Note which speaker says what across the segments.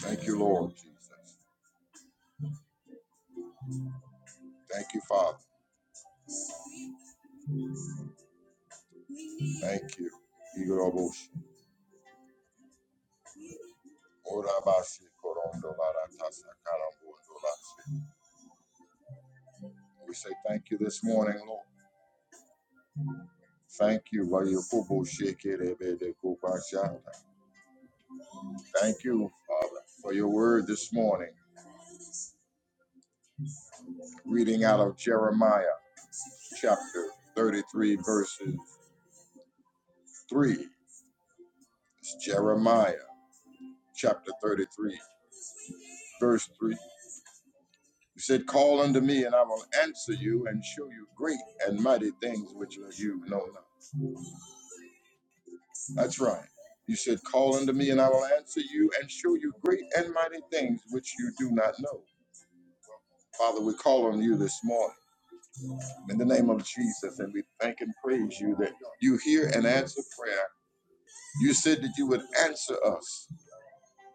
Speaker 1: Thank you, Lord Jesus. Thank you, Father. Thank you. We say thank you this morning, Lord. Thank you, Vayokobo shekerebede kobashata. Thank you, Father, for your word this morning. Reading out of Jeremiah chapter 33, verses 3. It's Jeremiah chapter 33, verse 3. You said, Call unto me, and I will answer you and show you great and mighty things which
Speaker 2: Bless your
Speaker 1: you
Speaker 2: name,
Speaker 1: know not. That's right. You said, Call unto me, and I will answer
Speaker 2: Holy
Speaker 1: you
Speaker 2: Spirit.
Speaker 1: and show you great and mighty things which you do not know. Father, we call on you this morning in the name of Jesus, and we thank and praise
Speaker 2: Holy
Speaker 1: you that
Speaker 2: Spirit of God,
Speaker 1: you hear and answer prayer. You said that you would answer us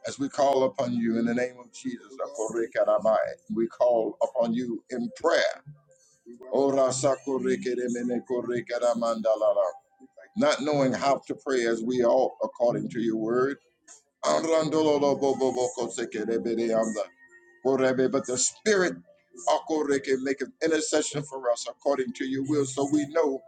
Speaker 1: as we call upon you in the name of Jesus.
Speaker 2: we welcome you to us.
Speaker 1: We call upon you in prayer.
Speaker 2: We welcome you
Speaker 1: Ora
Speaker 2: this
Speaker 1: sakorekeremene korekeramandalara.
Speaker 2: morning. We thank you
Speaker 1: Not
Speaker 2: for your
Speaker 1: knowing how
Speaker 2: presence.
Speaker 1: to pray as we ought according to your word.
Speaker 2: In the name of
Speaker 1: Arandololo
Speaker 2: Jesus,
Speaker 1: bo bo bo ko seke Arandololobobobokosekerebedeanda. Korebe, But the Spirit
Speaker 2: we thank you for
Speaker 1: akoreke, make intercession for us according to your will, so we know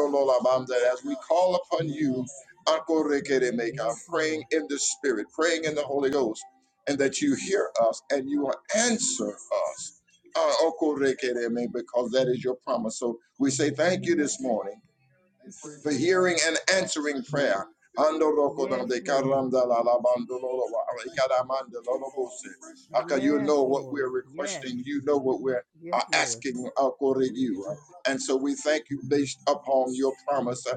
Speaker 2: filling this, filling our
Speaker 1: as we call
Speaker 2: hearts,
Speaker 1: upon
Speaker 2: filling our
Speaker 1: you.
Speaker 2: homes.
Speaker 1: akoreke de
Speaker 2: Amen.
Speaker 1: make.
Speaker 2: Yes,
Speaker 1: I'm praying
Speaker 2: Lord. In
Speaker 1: in the Spirit, praying in the Holy Ghost, and that you hear us and you will answer us. Ah,
Speaker 2: the
Speaker 1: okoreke
Speaker 2: name of
Speaker 1: de make,
Speaker 2: Jesus,
Speaker 1: Because that is your promise. So we say thank
Speaker 2: we
Speaker 1: you
Speaker 2: thank
Speaker 1: this
Speaker 2: you
Speaker 1: morning
Speaker 2: and praise
Speaker 1: for
Speaker 2: you for
Speaker 1: hearing and
Speaker 2: a
Speaker 1: answering
Speaker 2: fresh
Speaker 1: prayer.
Speaker 2: infilling. Yes, Lord. Thank you for a fresh
Speaker 1: you
Speaker 2: Yes,
Speaker 1: know
Speaker 2: infilling.
Speaker 1: what
Speaker 2: Lord.
Speaker 1: we're
Speaker 2: Yes.
Speaker 1: requesting, you know what we're
Speaker 2: Yes,
Speaker 1: uh,
Speaker 2: Lord.
Speaker 1: asking according
Speaker 2: We need
Speaker 1: you.
Speaker 2: your presence.
Speaker 1: And so we thank you based upon your promise uh,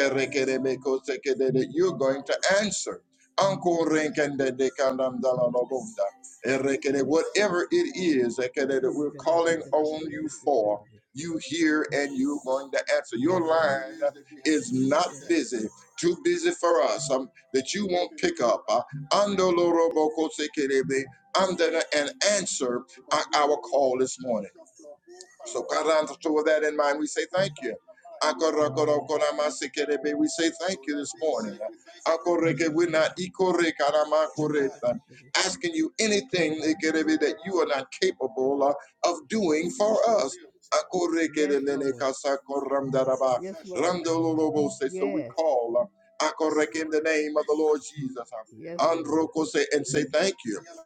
Speaker 2: Thank you and we thank you.
Speaker 1: that you're going to
Speaker 2: Our request
Speaker 1: answer.
Speaker 2: has been granted. So we say thank you
Speaker 1: Whatever
Speaker 2: this
Speaker 1: it
Speaker 2: morning.
Speaker 1: is
Speaker 2: or
Speaker 1: that we're calling on you for, you
Speaker 2: whatever
Speaker 1: hear and you're going to answer. Your
Speaker 2: it
Speaker 1: line
Speaker 2: is that we have
Speaker 1: is not
Speaker 2: today.
Speaker 1: busy, too busy for us, um, that you
Speaker 2: We
Speaker 1: won't
Speaker 2: can do
Speaker 1: pick
Speaker 2: it
Speaker 1: up uh,
Speaker 2: all. We have a fresh future
Speaker 1: andolorobokosekerebe, andana- and an answer
Speaker 2: because
Speaker 1: our
Speaker 2: we
Speaker 1: our
Speaker 2: have come
Speaker 1: call this
Speaker 2: to
Speaker 1: morning.
Speaker 2: come to a full
Speaker 1: So
Speaker 2: fountain,
Speaker 1: Karanto, with that in mind, we
Speaker 2: a
Speaker 1: say
Speaker 2: full
Speaker 1: thank you.
Speaker 2: fountain of life.
Speaker 1: We say thank
Speaker 2: So with
Speaker 1: you
Speaker 2: that
Speaker 1: this
Speaker 2: being
Speaker 1: morning.
Speaker 2: said, we thank and we praise
Speaker 1: We're not
Speaker 2: that you got it.
Speaker 1: asking you
Speaker 2: You
Speaker 1: anything
Speaker 2: got this. You
Speaker 1: that
Speaker 2: got
Speaker 1: you
Speaker 2: our
Speaker 1: are not capable uh, of doing for
Speaker 2: fresh
Speaker 1: us.
Speaker 2: refill this morning. Yes, Lord. A Yes, fresh Lord. refill this morning.
Speaker 1: So we
Speaker 2: Yes. I
Speaker 1: call uh,
Speaker 2: said a
Speaker 1: in the
Speaker 2: re-
Speaker 1: name of the Lord
Speaker 2: refresh,
Speaker 1: Jesus. uh,
Speaker 2: Yes, Lord. a
Speaker 1: and say thank
Speaker 2: refilling
Speaker 1: you.
Speaker 2: and a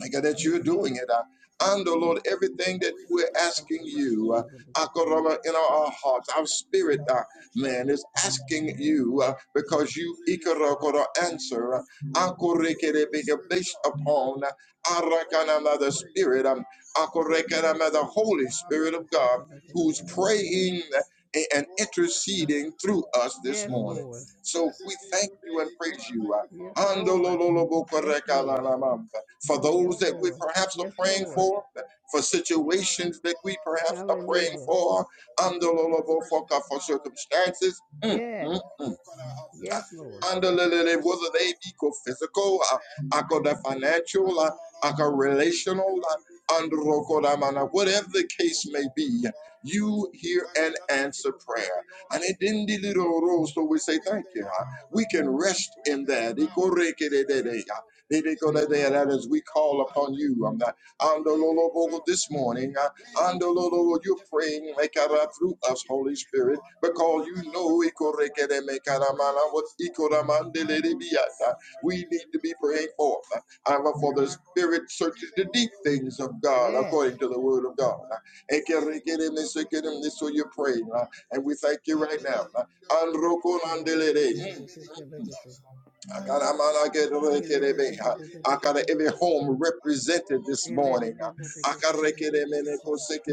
Speaker 1: Thank you that you're doing it. Uh, and oh Lord, everything that we're asking you, uh, Akaraba, in our
Speaker 2: Refreshing
Speaker 1: hearts, our
Speaker 2: spring.
Speaker 1: spirit, uh, man, is asking you uh, because you Ikarabara, answer uh,
Speaker 2: Holy
Speaker 1: Akorekerebeka,
Speaker 2: Spirit of
Speaker 1: based
Speaker 2: God,
Speaker 1: upon uh,
Speaker 2: we we thank you you. and we
Speaker 1: Arakanama, the
Speaker 2: praise you.
Speaker 1: Spirit, um, Akorekanama, the Holy Spirit of God, who's praying and
Speaker 2: Oh, fresh touch
Speaker 1: interceding
Speaker 2: this
Speaker 1: through
Speaker 2: morning.
Speaker 1: us this
Speaker 2: Yes,
Speaker 1: morning.
Speaker 2: Lord. As
Speaker 1: So
Speaker 2: this
Speaker 1: we
Speaker 2: be a new
Speaker 1: thank you
Speaker 2: day,
Speaker 1: and
Speaker 2: Lord,
Speaker 1: praise
Speaker 2: I
Speaker 1: you.
Speaker 2: thank
Speaker 1: uh,
Speaker 2: you for Yes, Lord. Yes, Lord.
Speaker 1: Andolololobokorekalalabamba. For
Speaker 2: Hallelujah. Yes,
Speaker 1: those that we
Speaker 2: Lord.
Speaker 1: perhaps are
Speaker 2: Yes,
Speaker 1: praying
Speaker 2: Lord.
Speaker 1: for, for situations that we perhaps are praying
Speaker 2: Hallelujah.
Speaker 1: for, andololobofoka, for circumstances. Mm, mm,
Speaker 2: Yes.
Speaker 1: mm.
Speaker 2: Yes, Lord.
Speaker 1: Andalele, whether they be co- physical, uh, akoda financial, uh, aka relational, uh, androkodamana, whatever the case may be, you hear and answer prayer. And it didn't do so we say thank you. uh, We can rest in that. Ikorekedede, uh, dedekodede, That as we call upon you. um, uh, andololobogo This morning. huh?
Speaker 2: Reason
Speaker 1: And oh,
Speaker 2: go
Speaker 1: Lord,
Speaker 2: for the
Speaker 1: Lord, you're
Speaker 2: living.
Speaker 1: praying, make it out through us, Holy Spirit, because you know
Speaker 2: our life.
Speaker 1: ikorekere mekaramana,
Speaker 2: Breathing
Speaker 1: what
Speaker 2: is morning. I'm going to
Speaker 1: ikoramandelerebiata,
Speaker 2: on fresh
Speaker 1: we need
Speaker 2: vision,
Speaker 1: to
Speaker 2: new
Speaker 1: be praying
Speaker 2: vision.
Speaker 1: for. And
Speaker 2: I
Speaker 1: for
Speaker 2: got
Speaker 1: the
Speaker 2: to
Speaker 1: Spirit searches the
Speaker 2: Breathing on
Speaker 1: deep
Speaker 2: new and
Speaker 1: things
Speaker 2: different.
Speaker 1: of God
Speaker 2: Yes.
Speaker 1: according to the Word of God.
Speaker 2: Breathing
Speaker 1: Ekerekere mesekere, So you're praying,
Speaker 2: on
Speaker 1: and we thank you right
Speaker 2: Andele
Speaker 1: now. And
Speaker 2: yakukurana. Likele bele
Speaker 1: rokonandelere, mm,
Speaker 2: kepetas. Ele
Speaker 1: i
Speaker 2: Andololo boku rekele besi kele bele angeles.
Speaker 1: got every home
Speaker 2: Andololo
Speaker 1: represented
Speaker 2: boku.
Speaker 1: this
Speaker 2: Sikale bele
Speaker 1: morning.
Speaker 2: bele ona. Our
Speaker 1: I
Speaker 2: ikele
Speaker 1: got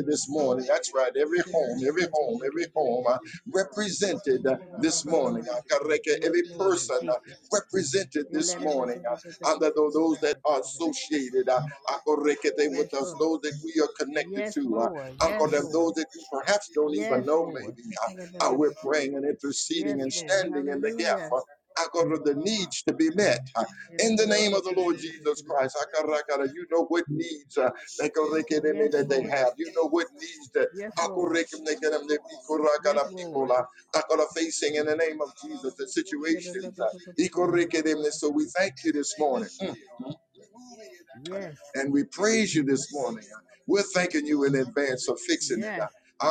Speaker 1: this morning. That's right. Every
Speaker 2: bele
Speaker 1: home,
Speaker 2: share here where
Speaker 1: every home,
Speaker 2: we can
Speaker 1: every
Speaker 2: hear
Speaker 1: home uh,
Speaker 2: you clearer.
Speaker 1: represented uh,
Speaker 2: Andololo
Speaker 1: this
Speaker 2: about situation.
Speaker 1: morning. I got
Speaker 2: Yes,
Speaker 1: every
Speaker 2: Andele de Lord
Speaker 1: person
Speaker 2: Jesus. yes, Peter.
Speaker 1: uh, represented
Speaker 2: About the enemy,
Speaker 1: this
Speaker 2: his
Speaker 1: morning. uh, Under tho- those
Speaker 2: manner,
Speaker 1: that are
Speaker 2: concerned
Speaker 1: associated, uh,
Speaker 2: our
Speaker 1: I
Speaker 2: life.
Speaker 1: got to get
Speaker 2: Yes,
Speaker 1: with us,
Speaker 2: Lord.
Speaker 1: those that we are connected
Speaker 2: Yes,
Speaker 1: to. uh,
Speaker 2: Lord.
Speaker 1: I
Speaker 2: Yes,
Speaker 1: got them,
Speaker 2: Lord.
Speaker 1: those that we perhaps don't even
Speaker 2: Yes,
Speaker 1: know,
Speaker 2: Lord.
Speaker 1: maybe. uh, uh, We're praying and
Speaker 2: Yes,
Speaker 1: interceding and
Speaker 2: Lord.
Speaker 1: standing in the gap.
Speaker 2: Hallelujah
Speaker 1: uh, Akara, the needs to be met uh, in the name of the Lord Jesus Christ. Akara, akara, You know what needs
Speaker 2: thing
Speaker 1: uh,
Speaker 2: that's
Speaker 1: they can
Speaker 2: still
Speaker 1: reckon them
Speaker 2: Yes,
Speaker 1: that they
Speaker 2: Lord.
Speaker 1: have. You know what needs that
Speaker 2: Yes,
Speaker 1: akara,
Speaker 2: Lord.
Speaker 1: reckon they
Speaker 2: like
Speaker 1: can- they be akara,
Speaker 2: Yes,
Speaker 1: akara, people
Speaker 2: Lord.
Speaker 1: uh, akara, facing in the name of Jesus, the
Speaker 2: Yes, Everything
Speaker 1: situations.
Speaker 2: that's
Speaker 1: uh, ikara, reckon them. So we thank you this morning. Mm.
Speaker 2: still,
Speaker 1: mm.
Speaker 2: uh, removing it and replacing
Speaker 1: And we praise you this morning.
Speaker 2: it
Speaker 1: Uh,
Speaker 2: uh,
Speaker 1: We're
Speaker 2: with
Speaker 1: thanking you in advance for fixing it. Uh,
Speaker 2: yes,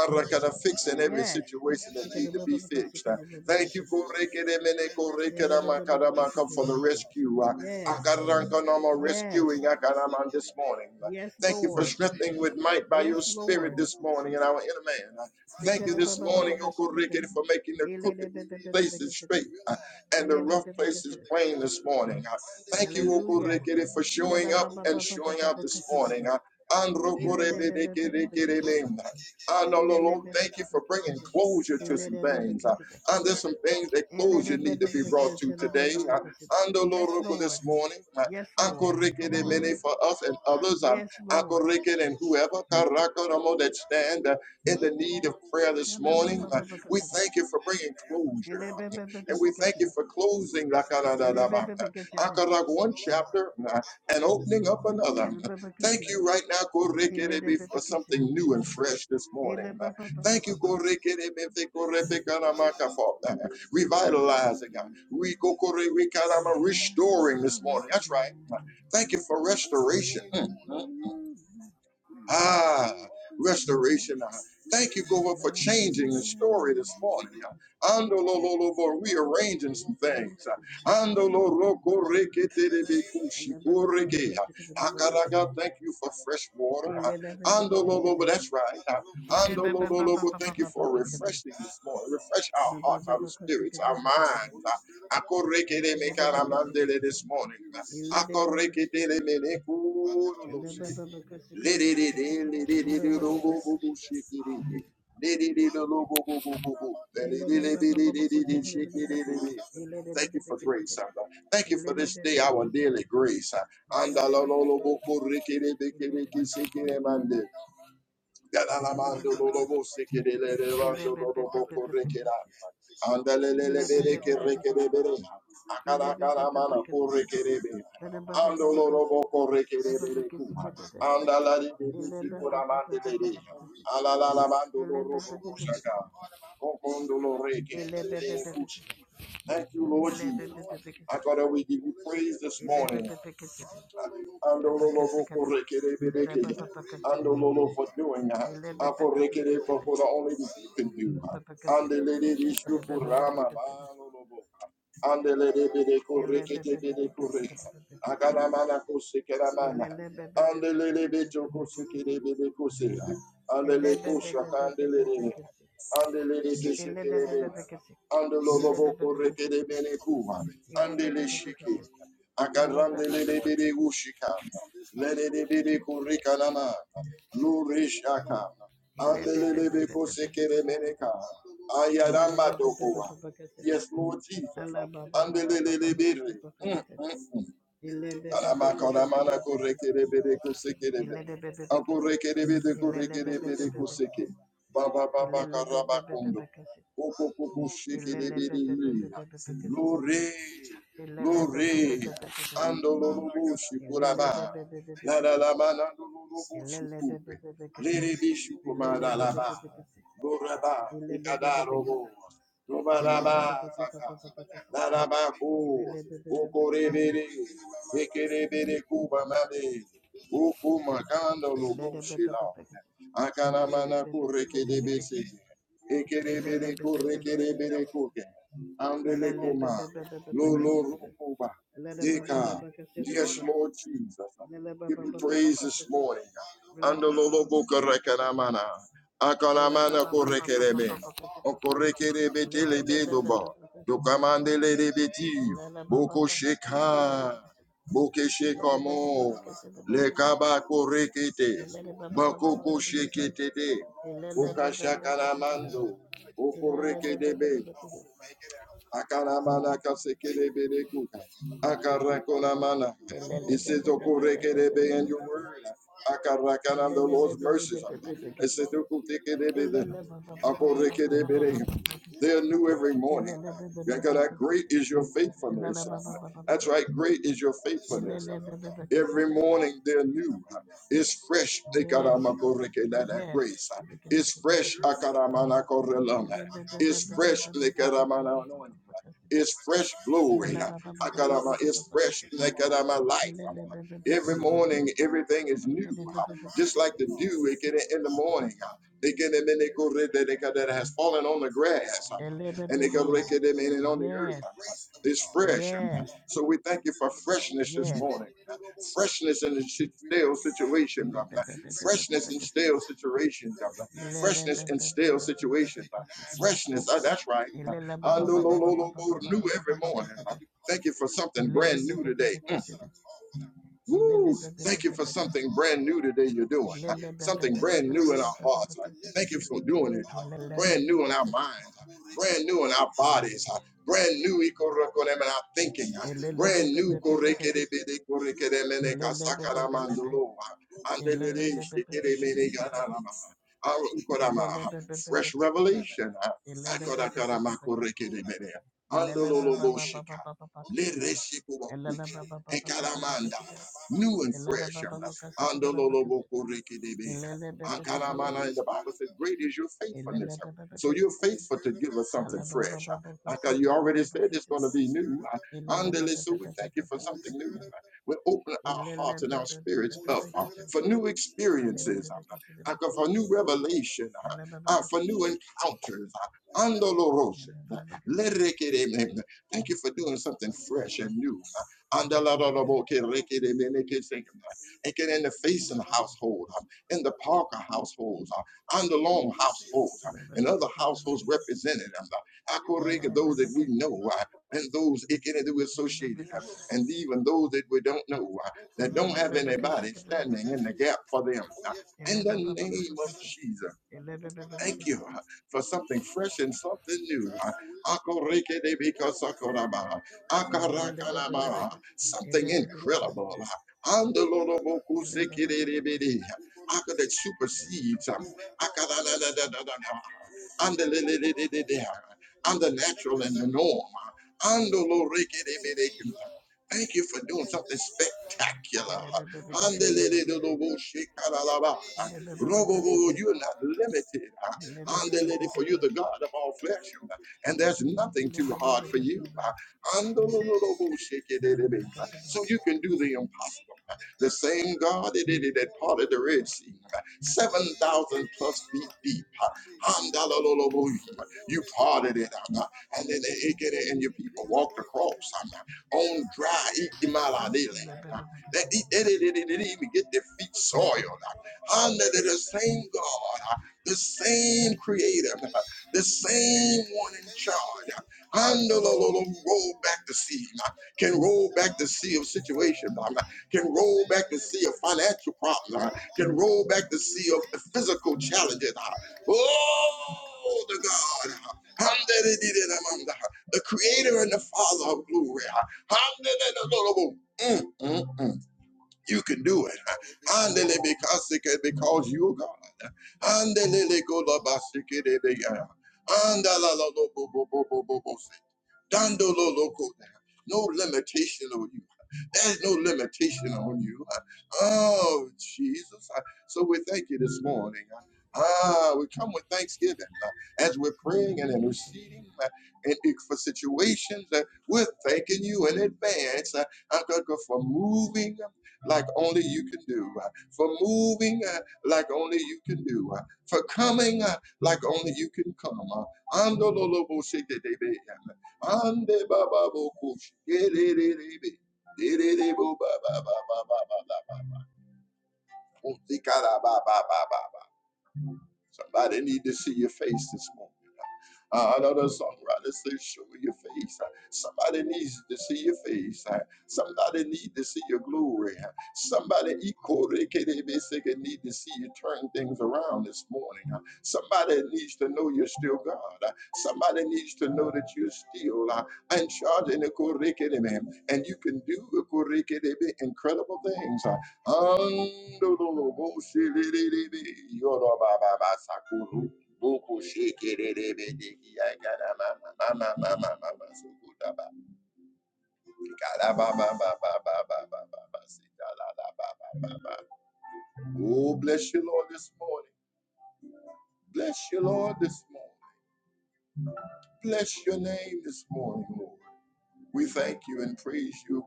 Speaker 1: Arakada, fixing
Speaker 2: yes.
Speaker 1: every situation that need to be fixed. Uh,
Speaker 2: Yes,
Speaker 1: Thank you Korekedemene, Korekedamakadamaka, for the rescue. Uh,
Speaker 2: Yes.
Speaker 1: Akarankanama
Speaker 2: Yes.
Speaker 1: rescuing Akaraman this morning. Uh,
Speaker 2: Yes,
Speaker 1: Thank you for
Speaker 2: Lord.
Speaker 1: strengthening with might by
Speaker 2: Yes,
Speaker 1: your spirit
Speaker 2: Lord.
Speaker 1: this morning in our inner man. Uh, Thank you this morning, Okoreke, for making the crooked places straight uh, and the rough places plain this morning. uh. Thank you,
Speaker 2: Hallelujah.
Speaker 1: Okorekere, for showing up and showing out this morning. Uh,
Speaker 2: Yes,
Speaker 1: Androkorebedekerekereme. Ah, no, no, Lord, thank you for bringing closure to some things. Uh, and there's some things that closure need to be brought to today. Uh, and the Lord, Roko,
Speaker 2: Lord.
Speaker 1: this morning, uh,
Speaker 2: Yes, Lord.
Speaker 1: Ankoreke de Mene for us and others, uh,
Speaker 2: Yes, Lord.
Speaker 1: Ankoreken and whoever Karakaramo, that stand uh, in the need of prayer this
Speaker 2: Hello, ba- ba-
Speaker 1: morning,
Speaker 2: ba-
Speaker 1: uh,
Speaker 2: ba- ba-
Speaker 1: we
Speaker 2: ba-
Speaker 1: thank you for bringing
Speaker 2: Hello,
Speaker 1: closure. uh,
Speaker 2: ba- ba- ba- ba- ba-
Speaker 1: and we
Speaker 2: ba-
Speaker 1: thank you
Speaker 2: ba-
Speaker 1: for closing.
Speaker 2: Hello, ba- ba- ba- ba-
Speaker 1: Rakadadadaba.
Speaker 2: ba- ba-
Speaker 1: Akarag one chapter uh, and opening up another.
Speaker 2: Hello, ba- ba- ba- ba-
Speaker 1: Thank you
Speaker 2: ba-
Speaker 1: right now,
Speaker 2: Hello, ba- ba- ba-
Speaker 1: Korekerebe,
Speaker 2: ba-
Speaker 1: for
Speaker 2: ba-
Speaker 1: something new and fresh this
Speaker 2: Hello, ba-
Speaker 1: morning. Uh,
Speaker 2: ba- ba-
Speaker 1: Thank
Speaker 2: ba-
Speaker 1: you,
Speaker 2: ba-
Speaker 1: Korekerebe, te korefikanamakafo, uh,
Speaker 2: You
Speaker 1: revitalizing. uh, We go Kore- restoring this morning. That's right. Uh, Thank you for
Speaker 2: who we
Speaker 1: restoration.
Speaker 2: lean
Speaker 1: Mm,
Speaker 2: on
Speaker 1: mm.
Speaker 2: We
Speaker 1: Ah,
Speaker 2: lean on you this
Speaker 1: restoration. Ah, thank you, God,
Speaker 2: We lean
Speaker 1: for
Speaker 2: on you
Speaker 1: changing the
Speaker 2: this
Speaker 1: story this morning. Ah, Ando lo lo lo bo, rearranging some
Speaker 2: In the name
Speaker 1: things.
Speaker 2: of
Speaker 1: Ah,
Speaker 2: Jesus,
Speaker 1: Ando lo lo ko re ke te re be ku shi ko re ke. Ah, agaraga, thank you for fresh water. Ah, Ando lo lo bo, that's right. Ah,
Speaker 2: oh,
Speaker 1: Ando lo lo lo bo, thank you for refreshing this morning. Refresh
Speaker 2: Ele
Speaker 1: our hearts, our spirits, our minds. Ah, ako re ke re me ka ra mandele this morning. Ah, ako re ke te let it in, let it in, it oh, go, go, go, shake it in. Let it in, oh, go, go, go, go, go. Let it in, let it in, let it in, shake it in, in, in. Thank you for grace, Abba. Thank you for this day, our daily grace. Anda lo, lo, lo, bo, ko, re, ke, re, be, ke, re, ke, se, ke, re, mande. Yalamando lolobo sekelele levando lolobo korekela. Andalele bereke rekele bereha. Akala kala mana korekele beha. Ando lolobo
Speaker 2: Ele
Speaker 1: korekele berekuha. Andalari bebisi koramande bereha. Alala lavando lorobo koshaka. Okondo lorekele berekushi. Thank you, Lord Jesus. I thought that we give you praise this morning. Andololobokorekerebedeke. Andololo for doing. uh, Akorekere For for the only that you can do. uh, And the lady uh, Andeleleleshukurama. Andele de bede kureke te bede kureke. Agana mana kuse kera mana. Andele de beto kuse kere bede kuse. Andele kusha kandele de Andele de
Speaker 2: Ele
Speaker 1: kese kere Andelo lobo kureke bede kuha. Andele shiki. Agarandele de bede ushika. Lele de bede kurika nama. Lurishaka. Andele de beko sekere meneka. Ayarama dokuwa. Yes, Lord Jesus. Andelelebere. Mm, mm, mm. Alamakana korekerebere kosekerebere. Akorekerebere korekerebere koseke. Baba baba karabakondo. Koko koko shekerebere hiya. Lore, lore. Andolo lobo shikuraba. La la la manando
Speaker 2: Ilele
Speaker 1: lobo shukure. Lere bishukumada laba. Loraba, rikadarobo. Lobaraba saka. Darabako. Kokorebere. Ekerebere kuba made. Ukuma kando lobo shila. Akana mana kure kedebe sege. Ekerebere kure kerebere kuke. Andele kuma. Lolo rukuba. Deka. Yes, Lord Jesus. Give you praise this morning. Andolo lobo kure kanamana. Akana mana kure kerebe. Okure kerebe
Speaker 2: Thank
Speaker 1: telebe doba. Dokamandele rebeti. Boko sheka. Boke kamo Le kaba korekete. Bakoko shekete de. Boka shakalamando. Akaramana kasekereberekuka. Akarakonamana. It says, "Okorekerebe," in your word. Akarakana, The Lord's mercies. It says, "Okotekerebe." Akorekerebe. They are new every morning. Yakara, Great
Speaker 2: you.
Speaker 1: is your faithfulness.
Speaker 2: Yes,
Speaker 1: That's right. Great is your faithfulness. Every morning they're new. It's fresh. Tekaramakorekelele, That
Speaker 2: yes. Yes,
Speaker 1: grace. It's fresh. Akaramanakorelana. It's fresh. Lekarama anointing. It's fresh glory. It's fresh. life. Every morning, everything is new. Just like the dew, they get in the morning. They get them and they go red that they got that has fallen on the grass. And they go rake them in and on the earth. It's fresh. So we thank you for freshness
Speaker 2: yes,
Speaker 1: this morning.
Speaker 2: yes.
Speaker 1: Freshness in the stale situations.
Speaker 2: We recognize.
Speaker 1: Freshness in stale situations. Freshness in stale situations. Freshness. Uh, that's right. Uh, no, no, no, no, no, new every morning. Uh, thank you for something brand new today. Woo! Thank you for something brand new today you're doing. huh? Something brand new in our hearts. huh? Thank you for doing it. huh? Brand new in our minds. huh? Brand new in our bodies. huh? Brand new ikorokonem in our thinking. huh? Brand new
Speaker 2: Elelebebebebebekesi.
Speaker 1: korekerebede korekeremene
Speaker 2: Elelebebebebebe.
Speaker 1: kasakaramandulo, huh?
Speaker 2: Elelebebebebekesi.
Speaker 1: Andelele
Speaker 2: Elelebebebebebekesi.
Speaker 1: shekeremene ganalama, huh? Arukorama, huh? Fresh
Speaker 2: Elelebebebebebekesi.
Speaker 1: revelation. huh?
Speaker 2: Elelebebebebebekesi.
Speaker 1: Akorakaramakorokerebede, andololoboshika,
Speaker 2: Elelebebebebebekesi.
Speaker 1: leresikubokucha, new and fresh. Andololobokorekedebe.
Speaker 2: Elelebebebebekesi.
Speaker 1: Ankalamana, And the
Speaker 2: Elelebebebebekesi.
Speaker 1: Bible says, Great is your
Speaker 2: Holy Spirit of
Speaker 1: faithfulness.
Speaker 2: God.
Speaker 1: So you're
Speaker 2: Holy
Speaker 1: faithful to
Speaker 2: Spirit of
Speaker 1: give us something
Speaker 2: God.
Speaker 1: fresh.
Speaker 2: Holy
Speaker 1: Because
Speaker 2: Spirit of God. Holy Spirit
Speaker 1: you
Speaker 2: of God.
Speaker 1: already said it's going to
Speaker 2: Holy
Speaker 1: be
Speaker 2: Spirit
Speaker 1: new. huh? Andele, So
Speaker 2: of
Speaker 1: we
Speaker 2: God.
Speaker 1: thank you for something new. huh? We open our hearts and our spirits up uh, for new experiences, uh, uh, for new revelation, uh,
Speaker 2: Like
Speaker 1: uh, for new encounters. uh,
Speaker 2: never before. We
Speaker 1: Andolorose.
Speaker 2: need you
Speaker 1: Lerekedebe. Thank you for doing something
Speaker 2: like never
Speaker 1: fresh
Speaker 2: before.
Speaker 1: and new. huh?
Speaker 2: You
Speaker 1: Andalaboke rekede meneke sekema. And get in the facing household, uh, in the Parker households, uh, on the Long
Speaker 2: see all
Speaker 1: households,
Speaker 2: things.
Speaker 1: uh,
Speaker 2: You are God.
Speaker 1: and
Speaker 2: Third
Speaker 1: other
Speaker 2: person.
Speaker 1: households represented. um, uh,
Speaker 2: You
Speaker 1: Akoreka, Those that we know, uh, and those it can- that we
Speaker 2: are the
Speaker 1: associated, uh, and
Speaker 2: person.
Speaker 1: even those that we don't know,
Speaker 2: Elle, elle, elle, elle. Elle, elle, elle, elle.
Speaker 1: uh, that don't have anybody standing in the gap for them. uh,
Speaker 2: Elle, elle,
Speaker 1: In
Speaker 2: elle, elle.
Speaker 1: the name of Jesus.
Speaker 2: Elle, elle, elle, elle. Elle,
Speaker 1: Thank you uh, for something fresh and something new. Uh, Akorekedebikasakoraba,
Speaker 2: elle, elle,
Speaker 1: Akarakalaba, Something incredible. uh, Andololobokusekedebede, Aka that supersedes um, Akadadadadadada, Andelelelelelele, uh, and the natural and the norm. uh, Andolorekedebede. Thank you for doing something spectacular. uh, Andeleleleloboshekalaba.
Speaker 2: elle. Elle, elle, elle,
Speaker 1: Rogogo,
Speaker 2: elle.
Speaker 1: You're not limited. huh? Andalele, For you, the God of all flesh, huh? and there's nothing too hard for you. huh? huh? So you can do the impossible. huh? The same God that did it at part the Red Sea, huh? 7,000 plus feet deep. huh? You parted it, huh? and then it- and your people walked across huh? on dry Ikimaladele, huh? they didn't even get their feet soiled under the same God, uh, the same creator, uh, the same one in charge. uh, Under the lo- roll back the sea, uh, can roll back the sea of situation, uh, can roll back the sea of financial problems, uh, can roll back the sea of the physical challenges. uh, Oh, the God, uh, under the the- the- the creator and the father of glory. uh, under the- the- the- the- Mm, mm, mm. You can do it. Andele bekasike because you are God. Andele kolabasike debe ya. Andala la lo bo bo bo bo bo bo Dandolo loco. No limitation on you. There's no limitation on you. Oh, Jesus. So we thank you this morning. Ah, we come with thanksgiving uh, as we're praying and interceding uh, and if for situations. Uh, we're thanking you in advance uh, uh, God, God, for moving uh, like only you can do, uh, for moving uh, like only you can do, uh, for coming uh, like only you can come. Uh, Andololobo-shekete-be. Mande baba bokush. Dererebe. Dererebo baba baba baba baba. Somebody need to see your face this morning. Uh, another songwriter says, Show your face. Uh, Somebody needs to see your face. Uh, Somebody needs to see your glory. Uh, Somebody equally need to see you turn things around this morning. Uh, Somebody needs to know you're still God. Uh, Somebody needs to know that you're still uh, in charge in and and you can do Ikorekerebe incredible things. Uh, Ando do do bo se le le le be yoro ba ba ba sakuru boko sheke le le be de ki ya gara ma ma ma ma ma ma ma suku da ba gara ba ba ba ba ba ba ba ba ba si da la la ba ba ba ba. Oh, bless you, Lord, this morning. Bless you, Lord, this morning. Bless your name this morning, Lord. We thank you and praise you.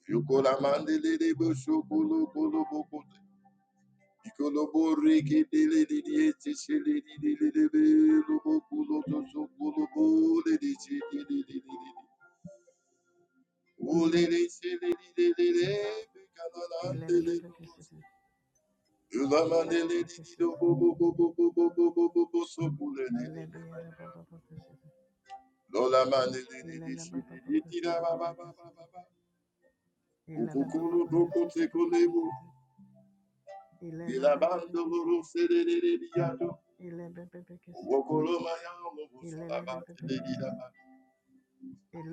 Speaker 1: If you call a man, Ikoloboreke delelediete sheledidelebe lobokulotosokolobodedeshededededede. Olelesheledidelebe
Speaker 2: Ilele
Speaker 1: kanalandele
Speaker 2: baba baba
Speaker 1: loboso. Ulamandeledidobobobobobobobobobobosokulenenenenene.
Speaker 2: kasete baba kasete.
Speaker 1: Lolamandeledideleshedededidabababababa.
Speaker 2: Ilele baba
Speaker 1: Ukukulotokotekolebo.
Speaker 2: baba kasete.
Speaker 1: Bilabandoloroselelelediado.
Speaker 2: Ilelebebekesi.
Speaker 1: Owokolomaya
Speaker 2: Ilelebebekesidi.
Speaker 1: lobosolabateledidaba.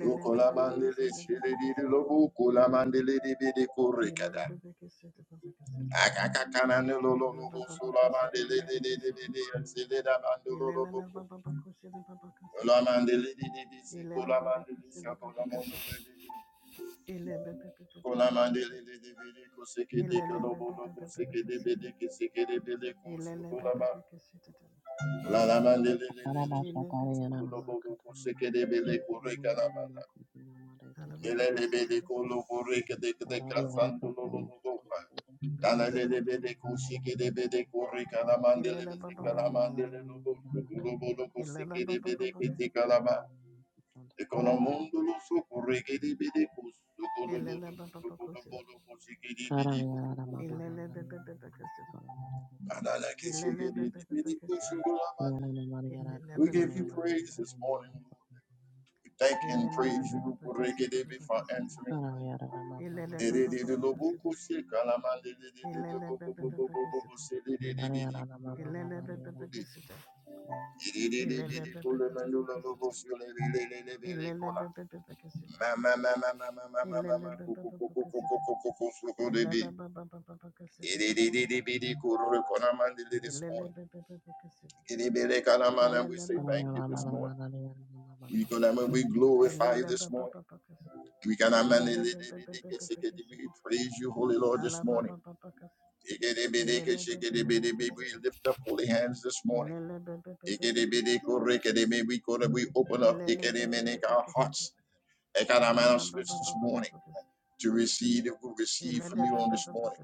Speaker 1: Yokolamandele shiriri
Speaker 2: babakesidi.
Speaker 1: lobu kolamandele de bede korekada.
Speaker 2: Ilelebebekesidi babakesidi.
Speaker 1: Akakakanane lolo lobo
Speaker 2: Lebababakesikidi
Speaker 1: solamandele de de de de
Speaker 2: babakesidi.
Speaker 1: de yansele da bandolo lobo ko.
Speaker 2: Ilelelebababakosidi babakesidi.
Speaker 1: Kolamandele de de de si kolamandele
Speaker 2: Ilelebabakesidi
Speaker 1: shakolamono de
Speaker 2: babakesidi.
Speaker 1: de de. Kolamandele
Speaker 2: Ilebebebebekesidi.
Speaker 1: de de bede koseke de ke lobo lobo seke de
Speaker 2: Ilelebebebekesidi.
Speaker 1: bede ke seke de bede kushu kolama.
Speaker 2: Ilelebebebekesidi.
Speaker 1: Lalamandele de
Speaker 3: Karayana mama mama mama.
Speaker 1: de de de. Lobo
Speaker 2: Ilebebebekesi.
Speaker 1: lobo seke de bede korekada.
Speaker 2: Alababakesidi
Speaker 1: Kelelebele
Speaker 2: babakesidi.
Speaker 1: kolobore kede kede kasando Dalelebele
Speaker 2: Babakesidi.
Speaker 1: koshike debele kore kalamandele beze
Speaker 2: Ilelebababakesidi.
Speaker 1: kalamandele lobo lobo lobo sikede bele
Speaker 2: Ilelebababakesidi.
Speaker 1: Ekonomundo lo sokore kede bele kosu kolobo lobo
Speaker 2: Ilele baba
Speaker 1: lobo lobo
Speaker 2: kusin. Ilele baba kusin.
Speaker 1: keshike
Speaker 2: Ilele
Speaker 1: debele
Speaker 2: baba
Speaker 1: bele
Speaker 2: kusin. Ilele
Speaker 1: We give you
Speaker 2: baba
Speaker 1: praise
Speaker 2: kusin.
Speaker 1: this morning, Lord.
Speaker 3: Karayana
Speaker 1: We thank and
Speaker 2: Ilele
Speaker 1: praise you,
Speaker 2: baba kusin.
Speaker 1: Rekedebe,
Speaker 2: Baba
Speaker 1: for
Speaker 2: kusin.
Speaker 1: answering prayer.
Speaker 2: Ilele baba
Speaker 1: this
Speaker 2: baba kusin. Ilele baba baba
Speaker 1: morning
Speaker 2: kusin.
Speaker 1: and
Speaker 2: Ilele baba kusin.
Speaker 3: mama mama
Speaker 2: Ilele baba baba kusin.
Speaker 3: mama.
Speaker 2: Ilele baba baba kusin. Ilele baba baba kusin. Ilele baba baba kusin. Baba kusin. Ilele baba baba kusin. Ilele baba baba
Speaker 1: We say
Speaker 3: Thank
Speaker 1: thank you this
Speaker 2: baba.
Speaker 1: morning. We glorify
Speaker 2: Ilele
Speaker 1: you this
Speaker 2: baba
Speaker 1: morning.
Speaker 2: baba kusin.
Speaker 1: we
Speaker 2: Ilele
Speaker 1: can We praise you, Holy Lord, this morning. We lift up holy hands this morning. We open up our hearts this morning to receive that we receive from you on this morning.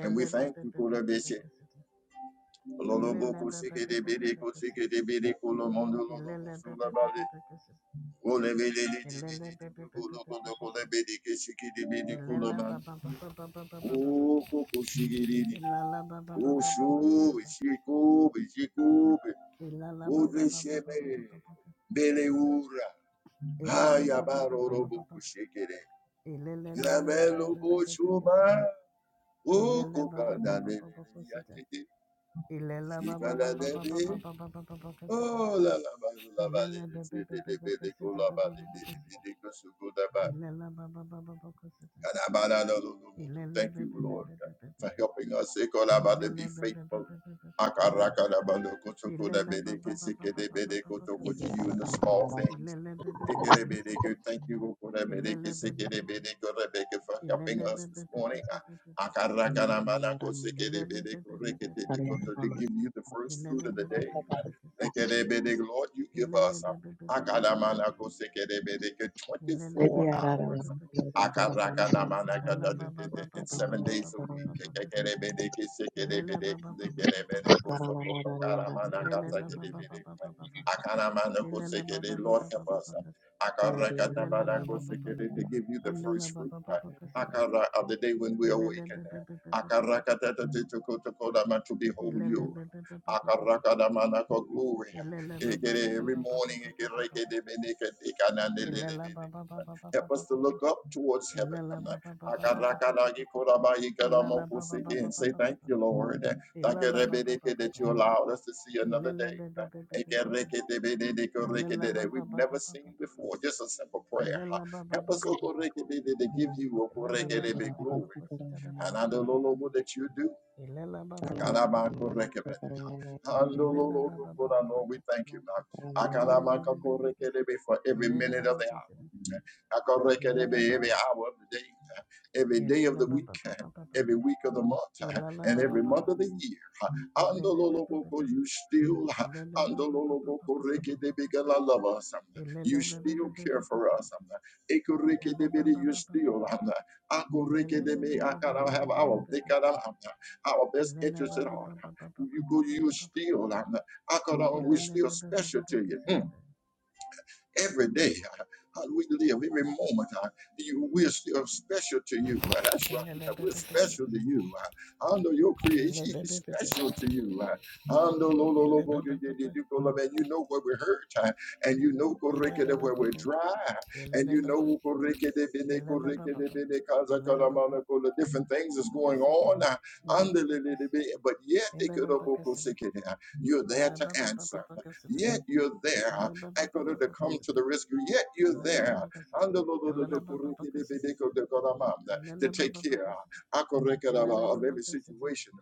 Speaker 1: And we thank you, Kodabese. Oh le bele le le le le le kolo kondo kondo bele keshiki le bele kolo
Speaker 2: Ilala
Speaker 1: man.
Speaker 2: ba ba ba ba ba ba ba ba ba ba.
Speaker 1: Oh, koko shiki le le.
Speaker 2: Ilala ba ba ba ba
Speaker 1: Oh, show shiku shiku.
Speaker 2: Ilala ba
Speaker 1: Oh, le
Speaker 2: ba ba
Speaker 1: sheme bele ura.
Speaker 2: Ilala ba ba ba
Speaker 1: Ayabaro robo kushiki le. Yamelo boshuma. Oh, koka da le le le
Speaker 2: kusita.
Speaker 1: yachete.
Speaker 2: Ilala ba
Speaker 1: Shika
Speaker 2: ba ba
Speaker 1: da le be.
Speaker 2: kusita.
Speaker 1: Oh, la la ba la ba le
Speaker 2: Ilala
Speaker 1: le
Speaker 2: ba ba
Speaker 1: le
Speaker 2: ba
Speaker 1: le
Speaker 2: ba
Speaker 1: le
Speaker 2: ba kusita. Ilala ba ba ba
Speaker 1: le le go
Speaker 2: kusita
Speaker 1: la
Speaker 2: ba
Speaker 1: ba
Speaker 2: ba
Speaker 1: le le le le
Speaker 2: kusita.
Speaker 1: le go su go da ba
Speaker 2: Ilala ba ba ba kusita. Ilala
Speaker 1: Thank
Speaker 2: ba
Speaker 1: you,
Speaker 2: ba ba ba
Speaker 1: Lord, for helping us to be
Speaker 2: Ilala ba ba ba
Speaker 1: faithful. To
Speaker 2: kusita.
Speaker 1: you
Speaker 2: Ilele ba ba ba ba ba ba ba ba ba kasita.
Speaker 1: in the small things.
Speaker 2: Ilele be be be be kasita.
Speaker 1: Thank you
Speaker 2: Ilele be be
Speaker 1: for helping
Speaker 2: Ilele
Speaker 1: us
Speaker 2: be
Speaker 1: this
Speaker 2: be be
Speaker 1: morning
Speaker 2: be Ilele be be be be
Speaker 1: to give you the first fruit
Speaker 2: Ilele
Speaker 1: of the
Speaker 2: be
Speaker 1: day.
Speaker 2: be kasita.
Speaker 1: Lord, you give
Speaker 2: Ilele
Speaker 1: us
Speaker 2: be be be kasita. Ilele be
Speaker 1: 24
Speaker 2: be be
Speaker 1: hours
Speaker 2: kasita.
Speaker 1: Akaraka namanaka da-
Speaker 2: Ala
Speaker 1: da-
Speaker 2: ba
Speaker 1: da-
Speaker 2: ba
Speaker 1: da-
Speaker 2: ba ba
Speaker 1: It's
Speaker 2: ba ba ba
Speaker 1: seven
Speaker 2: ba
Speaker 1: days a
Speaker 2: ba ba ba ba
Speaker 1: week. Ekekerebede,
Speaker 2: Ilele
Speaker 1: kesekerebede,
Speaker 2: ba ba ba ba
Speaker 1: kesekerebede, kosokoko, karamanaka,
Speaker 2: Ilele ba ba ba
Speaker 1: sekerebede.
Speaker 2: ba
Speaker 1: Akaramanako,
Speaker 2: Ilele ba
Speaker 1: sekere.
Speaker 2: ba
Speaker 1: Lord, help us. Akaraka tabanako, sekere, To give you the
Speaker 2: Andala
Speaker 1: first fruit
Speaker 2: baba
Speaker 1: uh,
Speaker 2: baba kasata.
Speaker 1: akara- of the day when we
Speaker 2: Ilele
Speaker 1: awaken.
Speaker 2: baba baba baba
Speaker 1: uh,
Speaker 2: baba
Speaker 1: akaraka
Speaker 2: baba
Speaker 1: ta- ta- ta- to ko- dama, To behold
Speaker 2: Ilele
Speaker 1: you.
Speaker 2: baba baba baba baba
Speaker 1: Akaraka namanako, Glory.
Speaker 2: Ilele baba baba
Speaker 1: Ekere, Every morning. ekere, kerebede, kedekanandelelebede.
Speaker 2: baba baba
Speaker 1: Help
Speaker 2: baba
Speaker 1: us to look up towards heaven.
Speaker 2: Ilele baba baba baba baba Ilele baba baba
Speaker 1: Akarakarakikorabaikaramokusiki, And
Speaker 2: baba
Speaker 1: say, Thank
Speaker 2: baba
Speaker 1: you, Lord,
Speaker 2: Ilele baba baba
Speaker 1: Takarebedeke,
Speaker 2: baba baba
Speaker 1: that you allowed us to see another
Speaker 2: Ilele
Speaker 1: day.
Speaker 2: baba baba baba. Ilele
Speaker 1: Ekerekedebedekorikedede,
Speaker 2: baba
Speaker 1: We've
Speaker 2: baba
Speaker 1: never
Speaker 2: baba
Speaker 1: seen before. Just a simple prayer.
Speaker 2: Ilele baba baba baba baba Ilele baba baba
Speaker 1: Help
Speaker 2: baba
Speaker 1: us to give you
Speaker 2: Ilele baba
Speaker 1: okorekedebe,
Speaker 2: baba baba
Speaker 1: glory. And I don't know what that you do.
Speaker 2: Ilele baba baba baba.
Speaker 1: Akadamakorekebedeha.
Speaker 2: Ele
Speaker 1: Andololokora, Lord, we thank you, God.
Speaker 3: you.
Speaker 1: Akadamakorekedebe For every minute of the hour, Akorekedebe, every hour of the day, every day of the week, every week of the month, and every month of the year. Andololokoko, You still Andololobokorekedebe, God, I love us. You still care for us. Ekorekedebe, You still Akorekedebe, Akada, have our. Dekara our best interest at heart. You go, you are still, I'm, not. I could, we're still special to you. Mm every day. How we live every moment? uh, you, we're still special to you. Uh, That's right. uh, We're special to you. Uh, under your creation is special to you. Uh, under lo- lo- lo- lo- di- di- di- go- lo- you know where we hurt, uh, and you know go-
Speaker 2: Elena
Speaker 1: where we're dry, huh? and you know go- bene- go- bene- kaza- kala- the different things is going on. uh, under li- li- li- But yet, they could have- uh, you're there to answer. Yet you're there. huh? Ekoro to come to the rescue. Yet you're there. Andolololodokorekedebedeko-dekoramanda, To take care Akorekedaba, of every situation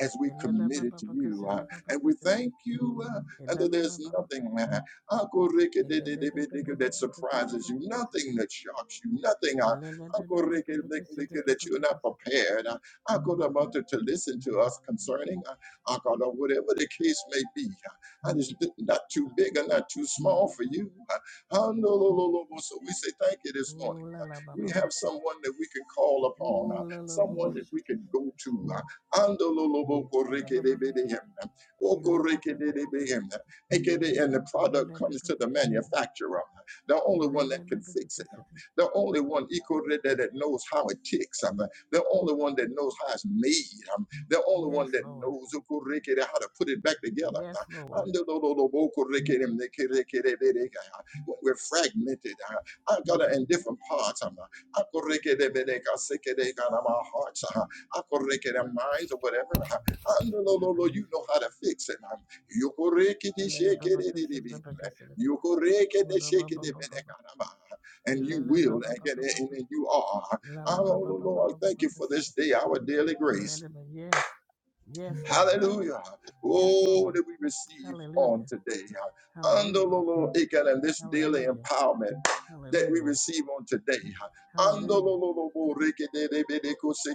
Speaker 1: as we committed to you. uh, And we thank you uh, and that there's nothing uh, akorekedebedeko that surprises you, nothing that shocks you, nothing uh, akorekedebedeko that you're not prepared. uh, Akoramata, to listen to us concerning uh, Akara, whatever the case may be. And it's not too big and not too small for you. Handolololobo. So we say thank you this morning.
Speaker 2: Oh la la ba
Speaker 1: We
Speaker 2: ba
Speaker 1: have
Speaker 2: ba sha.
Speaker 1: someone that we can call upon, uh,
Speaker 2: Oh, la la bo
Speaker 1: someone
Speaker 2: bo
Speaker 1: that
Speaker 2: si
Speaker 1: we can go
Speaker 2: si.
Speaker 1: to. uh,
Speaker 2: La ba ba bo.
Speaker 1: Andololobokorekedebedehem,
Speaker 2: Ele be be be be be
Speaker 1: okorekedebedehem,
Speaker 2: si.
Speaker 1: AKA, and the
Speaker 2: Ele
Speaker 1: product
Speaker 2: le be be
Speaker 1: comes to
Speaker 2: be
Speaker 1: the
Speaker 2: be si.
Speaker 1: manufacturer, the only
Speaker 2: Ele
Speaker 1: one
Speaker 2: le
Speaker 1: that
Speaker 2: be
Speaker 1: can
Speaker 2: be be
Speaker 1: fix it, uh,
Speaker 2: be si.
Speaker 1: the only one ikorede, that knows how it ticks, um, the only one that knows how it's made, um, the only one
Speaker 2: Yes,
Speaker 1: that
Speaker 2: Lord.
Speaker 1: knows ukoreke, how to put it back together. uh,
Speaker 2: Yes, Lord.
Speaker 1: when we're fragmented, uh, I got in different parts. um, uh, our hearts, uh, I go record our minds, or whatever. uh, And the
Speaker 2: Be
Speaker 1: Lord,
Speaker 2: be
Speaker 1: Lord,
Speaker 2: be
Speaker 1: Lord,
Speaker 2: be
Speaker 1: You
Speaker 2: si.
Speaker 1: know how to fix it. um, you go rake it, you
Speaker 2: Ele le
Speaker 1: shake
Speaker 2: be
Speaker 1: it,
Speaker 2: be
Speaker 1: it,
Speaker 2: be
Speaker 1: it,
Speaker 2: si
Speaker 1: it,
Speaker 2: be
Speaker 1: it.
Speaker 2: be be si.
Speaker 1: You go rake it,
Speaker 2: Ooh,
Speaker 1: you
Speaker 2: la ba
Speaker 1: shake it,
Speaker 2: ba
Speaker 1: it, it,
Speaker 2: ba ba
Speaker 1: it,
Speaker 2: ba.
Speaker 1: got on my- and
Speaker 2: Ele
Speaker 1: you
Speaker 2: le ba
Speaker 1: will,
Speaker 2: ba
Speaker 1: and
Speaker 2: ba
Speaker 1: get
Speaker 2: ba
Speaker 1: it,
Speaker 2: ba
Speaker 1: and
Speaker 2: ba.
Speaker 1: then you are.
Speaker 2: La la ba
Speaker 1: Oh
Speaker 2: ba
Speaker 1: Lord,
Speaker 2: ba ba
Speaker 1: Lord,
Speaker 2: ba ba
Speaker 1: thank you
Speaker 2: be
Speaker 1: for
Speaker 2: si.
Speaker 1: this day, our daily
Speaker 2: Ele
Speaker 1: grace.
Speaker 2: le be yes. Yes, Lord.
Speaker 1: Hallelujah.
Speaker 2: Yes,
Speaker 1: Oh,
Speaker 2: Lord.
Speaker 1: that we receive on
Speaker 2: Hallelujah.
Speaker 1: today. Under
Speaker 2: Hallelujah.
Speaker 1: Lolo and this daily
Speaker 2: Hallelujah.
Speaker 1: empowerment that we
Speaker 2: Hallelujah.
Speaker 1: receive on today. Under
Speaker 2: Hallelujah.
Speaker 1: Lolo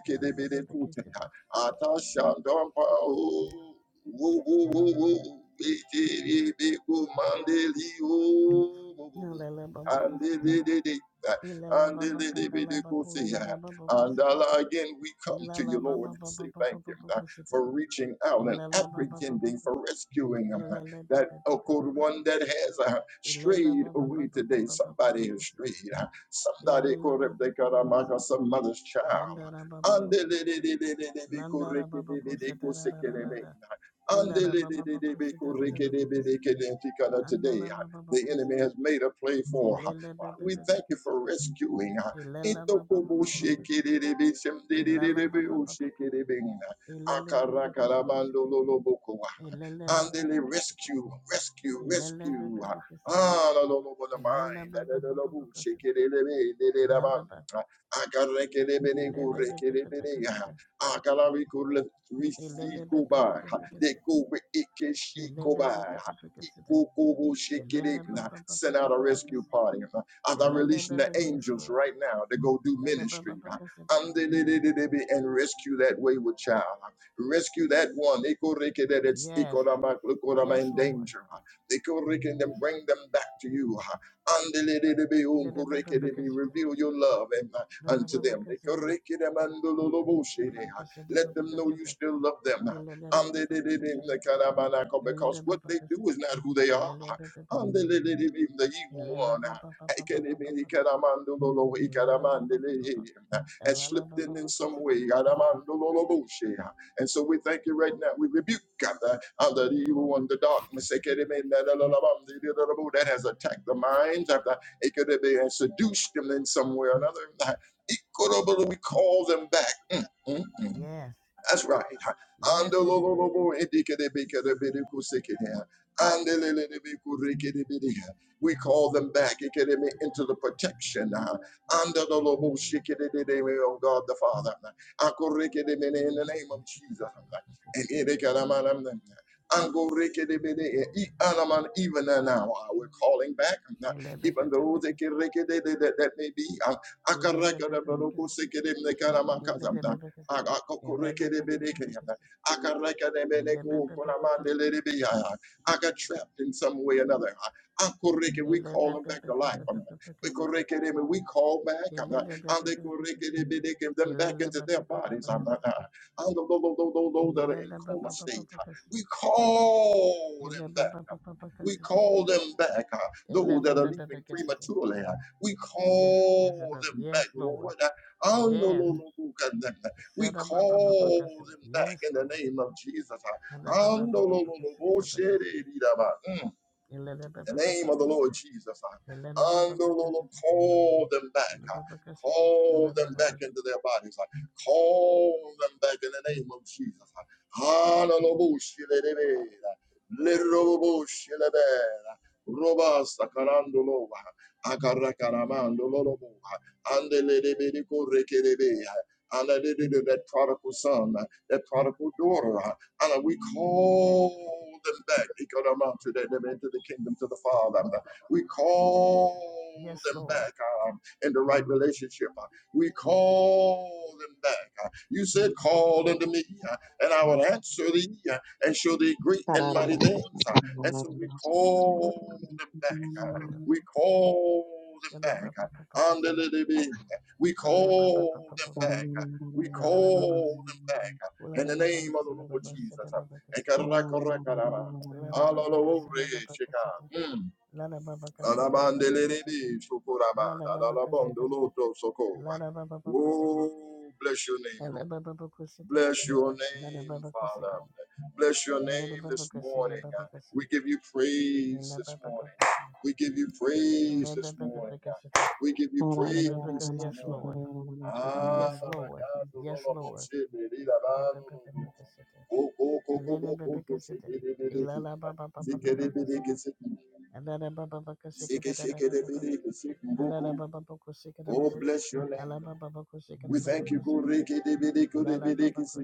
Speaker 2: Hallelujah. Ilala baba
Speaker 1: and
Speaker 2: kusita.
Speaker 1: the
Speaker 2: Ilala
Speaker 1: and
Speaker 2: baba kakala bakula
Speaker 1: the
Speaker 2: yara baba
Speaker 1: and
Speaker 2: kusita.
Speaker 1: again, we come to you,
Speaker 2: Ilala
Speaker 1: Lord,
Speaker 2: baba
Speaker 1: and say
Speaker 2: baba baba
Speaker 1: thank you
Speaker 2: baba kusita.
Speaker 1: for reaching out and
Speaker 2: Ilala baba baba
Speaker 1: apprehending, for
Speaker 2: kusita.
Speaker 1: rescuing them.
Speaker 2: Ilala bebe
Speaker 1: That oh,
Speaker 2: bebe
Speaker 1: good one
Speaker 2: kusita.
Speaker 1: that has uh,
Speaker 2: Ilala
Speaker 1: strayed
Speaker 2: baba
Speaker 1: away
Speaker 2: baba
Speaker 1: today.
Speaker 2: baba
Speaker 1: Somebody
Speaker 2: baba
Speaker 1: has
Speaker 2: kusita.
Speaker 1: strayed. uh, Somebody
Speaker 2: Ilala
Speaker 1: could have they
Speaker 2: bebe
Speaker 1: got
Speaker 2: bebe
Speaker 1: a mark of
Speaker 2: kusita.
Speaker 1: some mother's child.
Speaker 2: Landara baba baba
Speaker 1: Today,
Speaker 2: kusita. Landara baba kusita ra ra ra ra ra. Ilala baba baba kusita ra ra ra ra kusita. Andala baba baba
Speaker 1: the enemy
Speaker 2: kusita.
Speaker 1: has made a play for. uh,
Speaker 2: Ilala bebe
Speaker 1: We
Speaker 2: bebe
Speaker 1: thank you for
Speaker 2: kusita.
Speaker 1: rescuing. uh,
Speaker 2: Ilala baba baba
Speaker 1: Itokobo
Speaker 2: baba kusita.
Speaker 1: shekerebe
Speaker 2: Ilala
Speaker 1: semderebe
Speaker 2: baba baba kas.
Speaker 1: oshekebe.
Speaker 2: Ilala baba baba kasita.
Speaker 1: Akarakarabalololobokowa.
Speaker 2: Ilala
Speaker 1: And
Speaker 2: baba
Speaker 1: they
Speaker 2: baba kasita.
Speaker 1: rescue, rescue,
Speaker 2: Ilala baba
Speaker 1: rescue.
Speaker 2: baba kasita.
Speaker 1: Ah, la, la, la, the
Speaker 2: Ilala
Speaker 1: mind. La, la,
Speaker 2: baba
Speaker 1: la, la,
Speaker 2: baba
Speaker 1: boo. Shake
Speaker 2: kasita.
Speaker 1: it, ele, ele, ele, la,
Speaker 2: Ilala
Speaker 1: bam.
Speaker 2: baba. Ilala baba baba
Speaker 1: Akarekelebelegorekelebele.
Speaker 2: kasita.
Speaker 1: Akarabikule-
Speaker 2: Ilala baba
Speaker 1: Rizikoba.
Speaker 2: baba
Speaker 1: They
Speaker 2: kasita.
Speaker 1: go with
Speaker 2: Ilala
Speaker 1: Ikeshikoba.
Speaker 2: baba baba kasita.
Speaker 1: Ikukubu shikiri.
Speaker 2: Ilala baba baba
Speaker 1: Send out a
Speaker 2: baba
Speaker 1: rescue
Speaker 2: kasita.
Speaker 1: party. As I'm
Speaker 2: Ilala
Speaker 1: releasing the
Speaker 2: baba. Yes,
Speaker 1: angels
Speaker 2: Lord.
Speaker 1: right now to go do
Speaker 2: Ilala
Speaker 1: ministry
Speaker 2: baba baba kasita.
Speaker 1: and rescue that wayward child. Rescue that one. Ikorike, That it's
Speaker 2: Yes,
Speaker 1: ikorama- ikorama
Speaker 2: yes,
Speaker 1: in
Speaker 2: Lord.
Speaker 1: danger. Ikorike, And then
Speaker 2: Yes, Lord.
Speaker 1: bring them back to you. Andelelebe
Speaker 2: Ilala baba
Speaker 1: unkorike,
Speaker 2: baba
Speaker 1: de be-
Speaker 2: kasita.
Speaker 1: Reveal your love and, uh,
Speaker 2: Baba
Speaker 1: unto
Speaker 2: baba
Speaker 1: them.
Speaker 2: kasita.
Speaker 1: Ikorike, de mandololoboshe, de,
Speaker 2: Baba
Speaker 1: uh,
Speaker 2: kasita.
Speaker 1: Let
Speaker 2: Baba
Speaker 1: them know you
Speaker 2: kasita.
Speaker 1: still love them.
Speaker 2: Ilele baba baba
Speaker 1: Andelelebe
Speaker 2: kasile.
Speaker 1: unekanamanako, Because
Speaker 2: Ilele
Speaker 1: what
Speaker 2: baba
Speaker 1: they do
Speaker 2: kasile.
Speaker 1: is not who they are.
Speaker 2: Ilele baba baba kasile.
Speaker 1: Andelelebe, The evil
Speaker 2: Ilele
Speaker 1: one.
Speaker 2: baba baba baba
Speaker 1: Ikerebe
Speaker 2: baba
Speaker 1: Ikelebe,
Speaker 2: kasile.
Speaker 1: ikaramandololo,
Speaker 2: Ilala baba baba
Speaker 1: ikaramandele,
Speaker 2: baba.
Speaker 1: uh, has
Speaker 2: Ilala
Speaker 1: slipped
Speaker 2: baba
Speaker 1: in in
Speaker 2: baba
Speaker 1: some way.
Speaker 2: kasile.
Speaker 1: Aramandololoboshe. And so we thank you right now. We rebuke God, the, uh, the evil one, the darkness eh, could it be, da, da, da, da, bum, da, da, da, da, that has attacked the minds. of the- It could have been seduced them in some way or another. Uh, It could have been- We call them back. Mm, mm, mm.
Speaker 2: Yes.
Speaker 1: That's right.
Speaker 2: Yes, Lord.
Speaker 1: Andololobo idikedebekedebedekusekedeha. Andelelelebekurekedebedeha. We call them back ikedeme, into the
Speaker 2: Call him back.
Speaker 1: protection. ah.
Speaker 2: Whatever
Speaker 1: Andololobo
Speaker 2: that is, call him back
Speaker 1: shikedededeme, of
Speaker 2: to
Speaker 1: God
Speaker 2: him.
Speaker 1: the Father. Akorekedemene,
Speaker 2: In
Speaker 1: In the name of Jesus.
Speaker 2: baba kasile.
Speaker 1: And
Speaker 2: Sing the shikata
Speaker 1: idekadamanam.
Speaker 2: baba kasile.
Speaker 1: Angorekedebede,
Speaker 2: Sing the
Speaker 1: e-
Speaker 2: baba
Speaker 1: anaman,
Speaker 2: kasile.
Speaker 1: Even now, ah, we're calling back, ah,
Speaker 2: Ilele baba
Speaker 1: even
Speaker 2: baba
Speaker 1: those that
Speaker 2: kasile.
Speaker 1: that may be. ah,
Speaker 2: Ilele baba baba kasile.
Speaker 1: Akarakarabalokosekedemne,
Speaker 2: Ilele baba kasile.
Speaker 1: I got
Speaker 2: Ilele baba baba kasile. Yes,
Speaker 1: trapped in some way or another. Akoreke, We call them back to life. Akoreke, We call back um, Akoreke, them back into their bodies. um, uh, the- those those- those- those that are in coma state, uh, we call them back. um, We call them back. uh, Those that are leaving prematurely, uh, we
Speaker 2: yes,
Speaker 1: call
Speaker 2: Lord.
Speaker 1: them back,
Speaker 2: yes, Lord.
Speaker 1: Lord. Uh,
Speaker 2: Yes.
Speaker 1: Andololobukananda, we
Speaker 2: Set up, up, up, up, up,
Speaker 1: call
Speaker 2: custody.
Speaker 1: them back
Speaker 2: Yes,
Speaker 1: in the
Speaker 2: Lord.
Speaker 1: name of Jesus.
Speaker 2: And up, up, up, up, up, up, custody, up, up, custody.
Speaker 1: Mm
Speaker 2: And let up, up,
Speaker 1: the
Speaker 2: up, up,
Speaker 1: name
Speaker 2: up,
Speaker 1: of the Lord
Speaker 2: custody.
Speaker 1: Jesus. uh,
Speaker 2: And let up, up,
Speaker 1: And
Speaker 2: up,
Speaker 1: the
Speaker 2: up, custody.
Speaker 1: Lord call them back. uh,
Speaker 2: And
Speaker 1: Call
Speaker 2: up,
Speaker 1: them
Speaker 2: up, up,
Speaker 1: back
Speaker 2: custody.
Speaker 1: into their bodies. uh, Call them back in the name of Jesus. uh. Hallelujah. Lirubushilebe, Robasta karandolo, akarakaramando lolobo, andelelebediko rekelebe, and the that prodigal son, that prodigal daughter. uh, and uh, we call them back Ikodama, to them them into the kingdom to the Father. We call
Speaker 2: And up, up, up, custody. Yes,
Speaker 1: them
Speaker 2: Lord.
Speaker 1: back um, in the right relationship. We call them back. You said, Call unto me, uh, and I will answer thee uh, and show thee great and mighty
Speaker 3: Thank
Speaker 1: things. Uh, And so we call them back.
Speaker 2: Yes,
Speaker 1: uh,
Speaker 2: Lord.
Speaker 1: We call them
Speaker 2: Shada
Speaker 1: back.
Speaker 2: Baba Papa
Speaker 1: uh,
Speaker 2: Kusin,
Speaker 1: We
Speaker 2: Hila Baba
Speaker 1: call
Speaker 2: Papa
Speaker 1: them back.
Speaker 2: Kusin,
Speaker 1: uh, We
Speaker 2: Willa Babos,
Speaker 1: call them back
Speaker 2: Willa
Speaker 1: in the
Speaker 2: Babos,
Speaker 1: name of the
Speaker 2: Shada
Speaker 1: Lord
Speaker 2: Babos,
Speaker 1: Jesus.
Speaker 2: Shada Baba Cassetta,
Speaker 1: Ekarakarakara.
Speaker 2: Lada Baba
Speaker 1: Alalore
Speaker 2: Cassetta, Baba
Speaker 1: sheka.
Speaker 2: Cassetta,
Speaker 1: Mm.
Speaker 2: Lada Baba Cassetta, Baba Cassetta,
Speaker 1: Lalabandelelele shokoraba.
Speaker 2: Lada Baba Cassetta,
Speaker 1: Lalalabondoloto soko.
Speaker 2: Lada Baba Cassetta,
Speaker 1: Oh, bless your name, Lord.
Speaker 2: Ella Baba Cassetta,
Speaker 1: Bless your
Speaker 2: Lada
Speaker 1: name,
Speaker 2: Baba
Speaker 1: Father.
Speaker 2: Cassetta,
Speaker 1: Bless your
Speaker 2: Ella
Speaker 1: name
Speaker 2: Baba
Speaker 1: this
Speaker 2: Cassetta,
Speaker 1: morning. Uh,
Speaker 2: Baba Cassetta,
Speaker 1: We give you praise
Speaker 2: Ella
Speaker 1: this
Speaker 2: Baba Papa,
Speaker 1: morning. We give you praise
Speaker 2: Ella
Speaker 1: this
Speaker 2: Baba
Speaker 1: morning. Uh,
Speaker 2: Cassetta,
Speaker 1: We give you
Speaker 2: the
Speaker 1: praise
Speaker 2: Baba Cassetta,
Speaker 1: this
Speaker 2: Yes,
Speaker 1: morning.
Speaker 2: Lord.
Speaker 1: Ah,
Speaker 2: Yes,
Speaker 1: la, la,
Speaker 2: Lord.
Speaker 1: ya, lo, lo,
Speaker 2: Yes,
Speaker 1: lo, bo,
Speaker 2: Lord.
Speaker 1: shi, di, di, la, la,
Speaker 2: the Baba
Speaker 1: lo, lo, lo.
Speaker 2: Cassetta.
Speaker 1: Bo, bo, bo, bo,
Speaker 2: Ilala
Speaker 1: bo,
Speaker 2: Baba
Speaker 1: bo, bo, shi,
Speaker 2: Cassita,
Speaker 1: di, di, di, di, ki.
Speaker 2: Elana
Speaker 1: Si, ki, di,
Speaker 2: Baba
Speaker 1: di, di, ki, si,
Speaker 2: Cassette.
Speaker 1: ki. Si, ki, si, ki, di, di, di, ki, si, ki, bo, bo. Oh, bless your name, Lord. We thank you. Go, re, ki, di, di, di, ko, di, di, di, ki, si.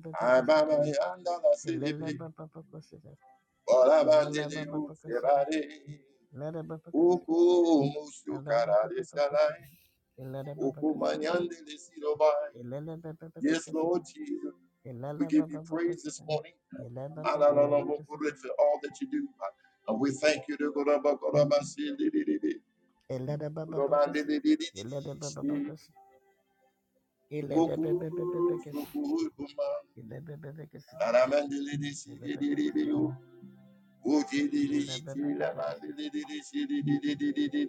Speaker 1: Yes, Lord
Speaker 2: Elelebebebebekesete.
Speaker 1: Jesus. We give you praise this
Speaker 2: Elelebebebekesete.
Speaker 1: morning. Hallelujah for all that you do. Ah, And we thank you.
Speaker 2: Elelebebebekesete. Elelebebebekesete. Elelebebebekesete. Elelebebebebekesete. Elelebebebekesete. Elelebebekesete.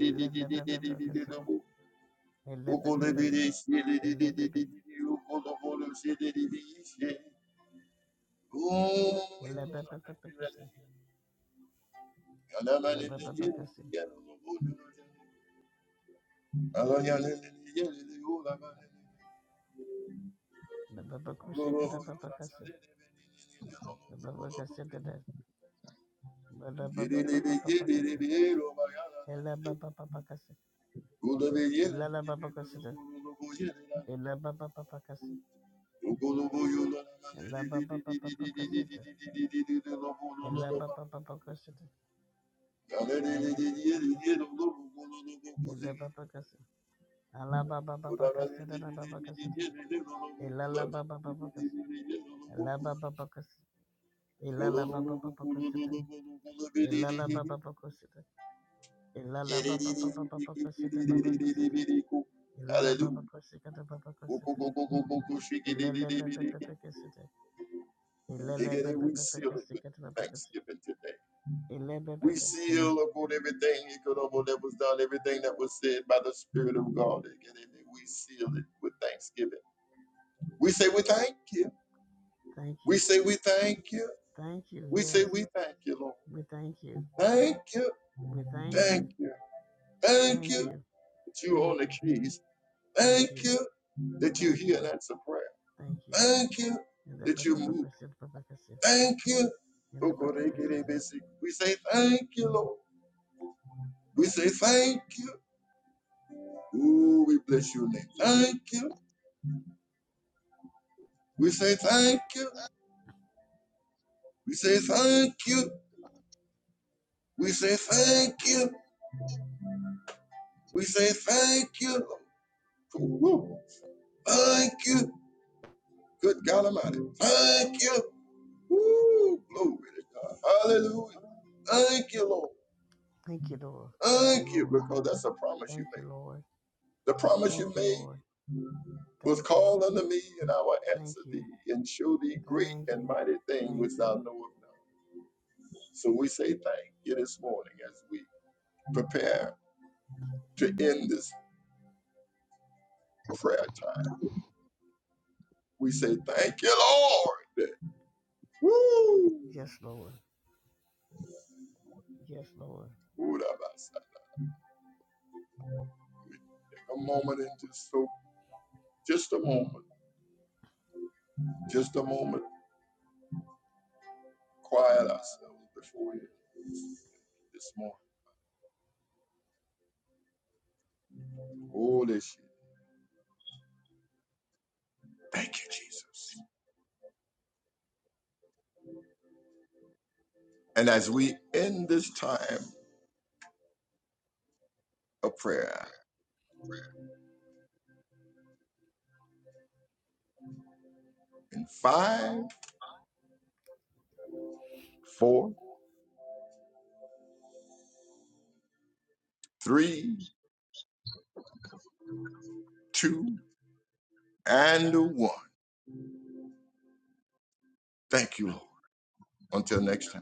Speaker 2: Elelebebebekesete. Elelebebebekesete. Elelebebebe- Elebebe- Elebebebekesete. Elebebebekesete.
Speaker 1: Oh,
Speaker 2: Elebebekushikadababakasete. Elebebekesete. Elebebebebekesete. Ilala Baba Cassida, Illa Baba Papa Cassi, Illa Baba Papa Cassida, Illa Baba Papa Cassida, Illa Baba Cassida, Illa Baba Cassida, Alla Baba Baba Cassida, La Baba Cassida, Illa Baba Baba Cassida, Illa Baba Baba Cassida, Illa Baba Baba Cassida, Illa
Speaker 1: Thank you.
Speaker 2: Baba Baba Cassida, Baba Baba Baba Baba Cassida, Illa
Speaker 1: Hallelujah.
Speaker 2: Baba Cassida, Baba Cassida, Illa Baba Baba Cassida, Illa
Speaker 1: Again,
Speaker 2: Baba
Speaker 1: We
Speaker 2: Baba
Speaker 1: seal it with
Speaker 2: Cassida, Baba Cassida,
Speaker 1: thanksgiving today.
Speaker 2: Illa
Speaker 1: We
Speaker 2: Baba
Speaker 1: seal upon everything that was done, everything that was said by the Spirit of God. Again, We seal it with thanksgiving. We say we thank you.
Speaker 2: Thank
Speaker 1: We
Speaker 2: you.
Speaker 1: say we thank you.
Speaker 2: Thank you.
Speaker 1: We say
Speaker 2: Yes.
Speaker 1: we thank you, Lord.
Speaker 2: We thank you.
Speaker 1: Thank you.
Speaker 2: We thank you.
Speaker 1: Thank you. Thank
Speaker 2: Thank
Speaker 1: you
Speaker 2: you.
Speaker 1: that you own
Speaker 2: Thank
Speaker 1: the
Speaker 2: you.
Speaker 1: keys.
Speaker 2: Thank
Speaker 1: Thank
Speaker 2: you.
Speaker 1: you that you
Speaker 2: Thank
Speaker 1: hear and
Speaker 2: you.
Speaker 1: answer prayer.
Speaker 2: Thank you.
Speaker 1: Thank you
Speaker 2: In the
Speaker 1: that you
Speaker 2: Baba
Speaker 1: moved.
Speaker 2: Christian, Baba Christian,
Speaker 1: Thank you.
Speaker 2: in the Baba Christian.
Speaker 1: We say thank you, Lord. We say thank you. Ooh, we bless your name. Thank you. We say thank you. We say thank you. We say thank you. We say thank you, Lord. Woo. Thank you. Good God Almighty. Thank you. Woo. Glory to God. Hallelujah. Thank you, Lord.
Speaker 2: Thank you, Lord. Thank you,
Speaker 1: Thank you,
Speaker 2: Lord.
Speaker 1: because that's a promise you
Speaker 2: Thank
Speaker 1: made.
Speaker 2: you, Lord.
Speaker 1: The promise you
Speaker 2: Thank you,
Speaker 1: made.
Speaker 2: Lord.
Speaker 1: was
Speaker 2: Thank you.
Speaker 1: called unto me, and I will
Speaker 2: Thank
Speaker 1: answer thee,
Speaker 2: you.
Speaker 1: and show thee great
Speaker 2: Thank
Speaker 1: and
Speaker 2: you.
Speaker 1: mighty things
Speaker 2: Thank
Speaker 1: which
Speaker 2: you.
Speaker 1: thou knowest not. So we say thank you this morning as we prepare to end this prayer time. We say thank you, Lord. Woo!
Speaker 2: Yes, Lord. Yes, Lord.
Speaker 1: Woo, take a moment and just so, just a moment, just a moment, quiet ourselves before you this morning. Holy shit. Thank you, Jesus. And as we end this time of prayer in five. four, three, two, and one. Thank you, Lord. Until next time.